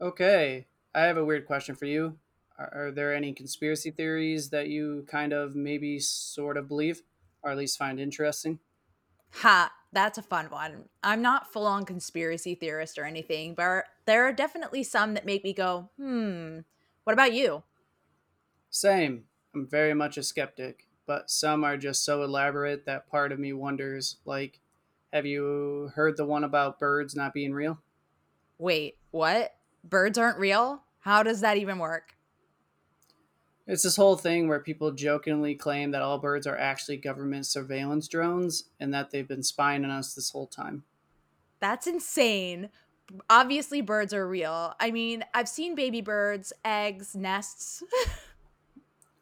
Okay, I have a weird question for you. Are there any conspiracy theories that you kind of maybe sort of believe, or at least find interesting? Ha, that's a fun one. I'm not full on conspiracy theorist or anything, but there are definitely some that make me go, hmm, what about you? Same. I'm very much a skeptic, but some are just so elaborate that part of me wonders like, have you heard the one about birds not being real? Wait, what? Birds aren't real? How does that even work? It's this whole thing where people jokingly claim that all birds are actually government surveillance drones and that they've been spying on us this whole time. That's insane. Obviously, birds are real. I mean, I've seen baby birds, eggs, nests.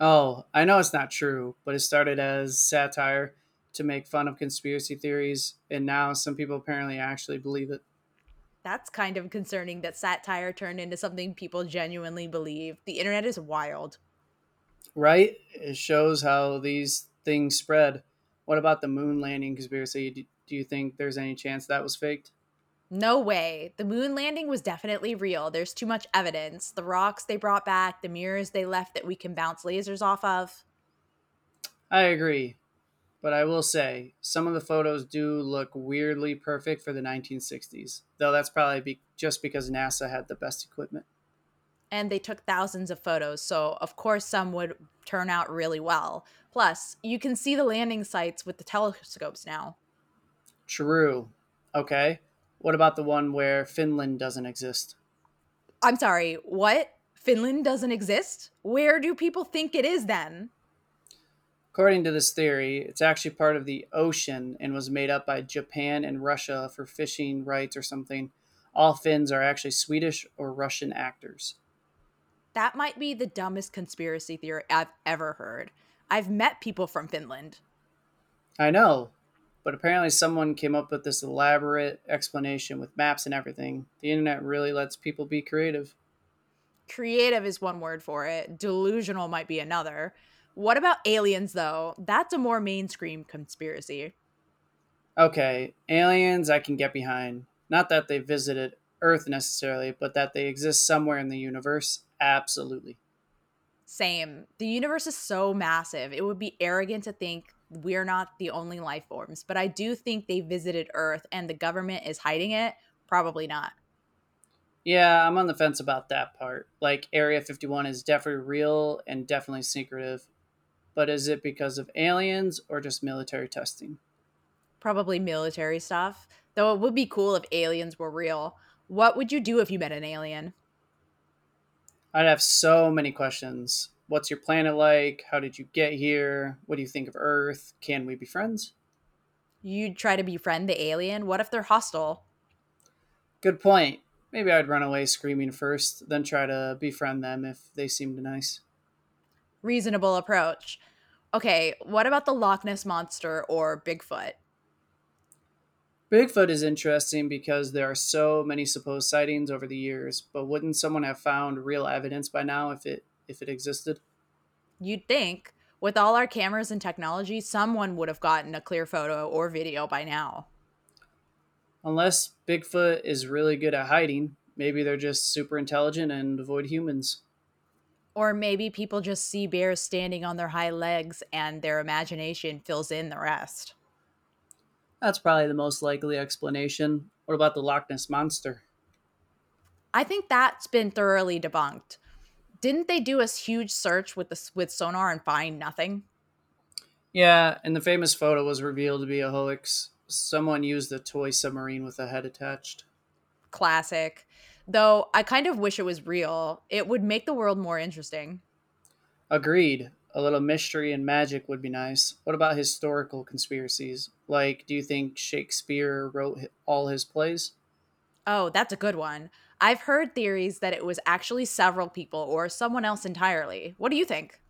Oh, I know it's not true, but it started as satire to make fun of conspiracy theories, and now some people apparently actually believe it. That's kind of concerning that satire turned into something people genuinely believe. The internet is wild. Right? It shows how these things spread. What about the moon landing conspiracy? Do you think there's any chance that was faked? No way. The moon landing was definitely real. There's too much evidence. The rocks they brought back, the mirrors they left that we can bounce lasers off of, I agree, but I will say some of the photos do look weirdly perfect for the 1960s, though that's just because NASA had the best equipment. and they took thousands of photos. So, of course, some would turn out really well. Plus, you can see the landing sites with the telescopes now. True. Okay. What about the one where Finland doesn't exist? I'm sorry, what? Finland doesn't exist? Where do people think it is then? According to this theory, it's actually part of the ocean and was made up by Japan and Russia for fishing rights or something. All Finns are actually Swedish or Russian actors. That might be the dumbest conspiracy theory I've ever heard. I've met people from Finland. I know, but apparently someone came up with this elaborate explanation with maps and everything. The internet really lets people be creative. Creative is one word for it. Delusional might be another. What about aliens, though? That's a more mainstream conspiracy. Okay, aliens I can get behind. Not that they visited Earth necessarily, but that they exist somewhere in the universe, absolutely. Same. The universe is so massive. It would be arrogant to think we're not the only life forms, but I do think they visited Earth and the government is hiding it. Probably not. Yeah, I'm on the fence about that part. Like Area 51 is definitely real and definitely secretive, but is it because of aliens or just military testing? Probably military stuff. Though it would be cool if aliens were real. What would you do if you met an alien? I'd have so many questions. What's your planet like? How did you get here? What do you think of Earth? Can we be friends? You'd try to befriend the alien? What if they're hostile? Good point. Maybe I'd run away screaming first, then try to befriend them if they seemed nice. Reasonable approach. Okay, what about the Loch Ness monster or Bigfoot? Bigfoot is interesting because there are so many supposed sightings over the years, but wouldn't someone have found real evidence by now if it existed? You'd think with all our cameras and technology, someone would have gotten a clear photo or video by now. Unless Bigfoot is really good at hiding, maybe they're just super intelligent and avoid humans. Or maybe people just see bears standing on their high legs and their imagination fills in the rest. That's probably the most likely explanation. What about the Loch Ness Monster? I think that's been thoroughly debunked. Didn't they do a huge search with sonar and find nothing? Yeah, and the famous photo was revealed to be a hoax. Someone used a toy submarine with a head attached. Classic. Though I kind of wish it was real. It would make the world more interesting. Agreed. A little mystery and magic would be nice. What about historical conspiracies? Like, do you think Shakespeare wrote all his plays? Oh, that's a good one. I've heard theories that it was actually several people or someone else entirely. What do you think?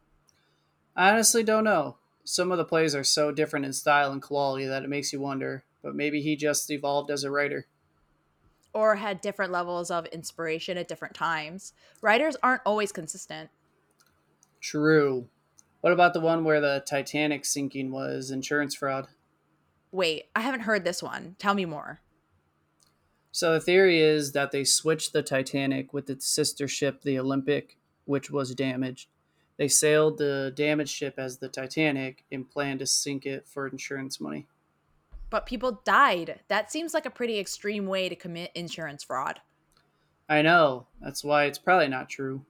I honestly don't know. Some of the plays are so different in style and quality that it makes you wonder, but maybe he just evolved as a writer. Or had different levels of inspiration at different times. Writers aren't always consistent. True. What about the one where the Titanic sinking was insurance fraud? Wait, I haven't heard this one. Tell me more. So the theory is that they switched the Titanic with its sister ship, the Olympic, which was damaged. They sailed the damaged ship as the Titanic and planned to sink it for insurance money. But people died. That seems like a pretty extreme way to commit insurance fraud. I know. That's why it's probably not true.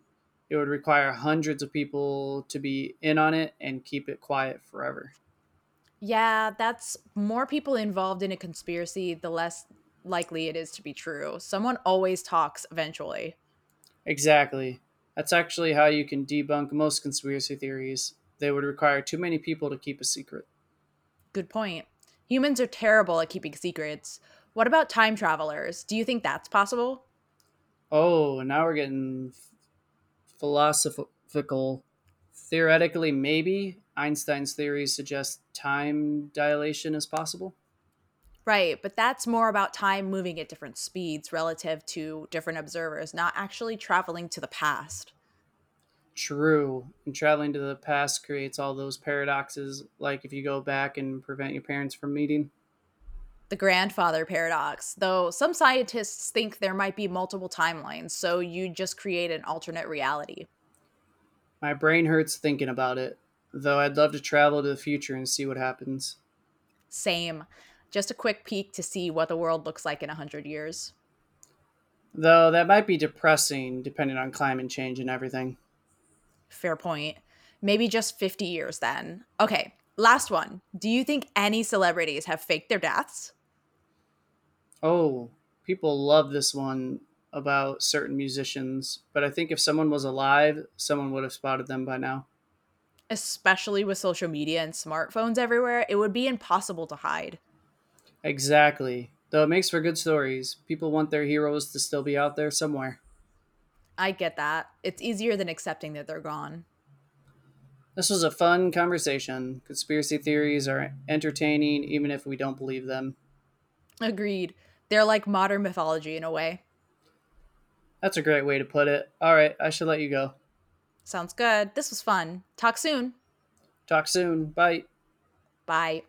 It would require hundreds of people to be in on it and keep it quiet forever. Yeah, that's more people involved in a conspiracy, the less likely it is to be true. Someone always talks eventually. Exactly. That's actually how you can debunk most conspiracy theories. They would require too many people to keep a secret. Good point. Humans are terrible at keeping secrets. What about time travelers? Do you think that's possible? Oh, now we're getting philosophical. Theoretically, maybe Einstein's theories suggest time dilation is possible. Right, but that's more about time moving at different speeds relative to different observers, not actually traveling to the past. True. And traveling to the past creates all those paradoxes, like if you go back and prevent your parents from meeting. The grandfather paradox, though some scientists think there might be multiple timelines, so you just create an alternate reality. My brain hurts thinking about it, though I'd love to travel to the future and see what happens. Same. Just a quick peek to see what the world looks like in 100 years. Though that might be depressing, depending on climate change and everything. Fair point. Maybe just 50 years then. Okay, last one. Do you think any celebrities have faked their deaths? Oh, people love this one about certain musicians, but I think if someone was alive, someone would have spotted them by now. Especially with social media and smartphones everywhere, it would be impossible to hide. Exactly. Though it makes for good stories, people want their heroes to still be out there somewhere. I get that. It's easier than accepting that they're gone. This was a fun conversation. Conspiracy theories are entertaining, even if we don't believe them. Agreed. They're like modern mythology in a way. That's a great way to put it. All right, I should let you go. Sounds good. This was fun. Talk soon. Talk soon. Bye. Bye.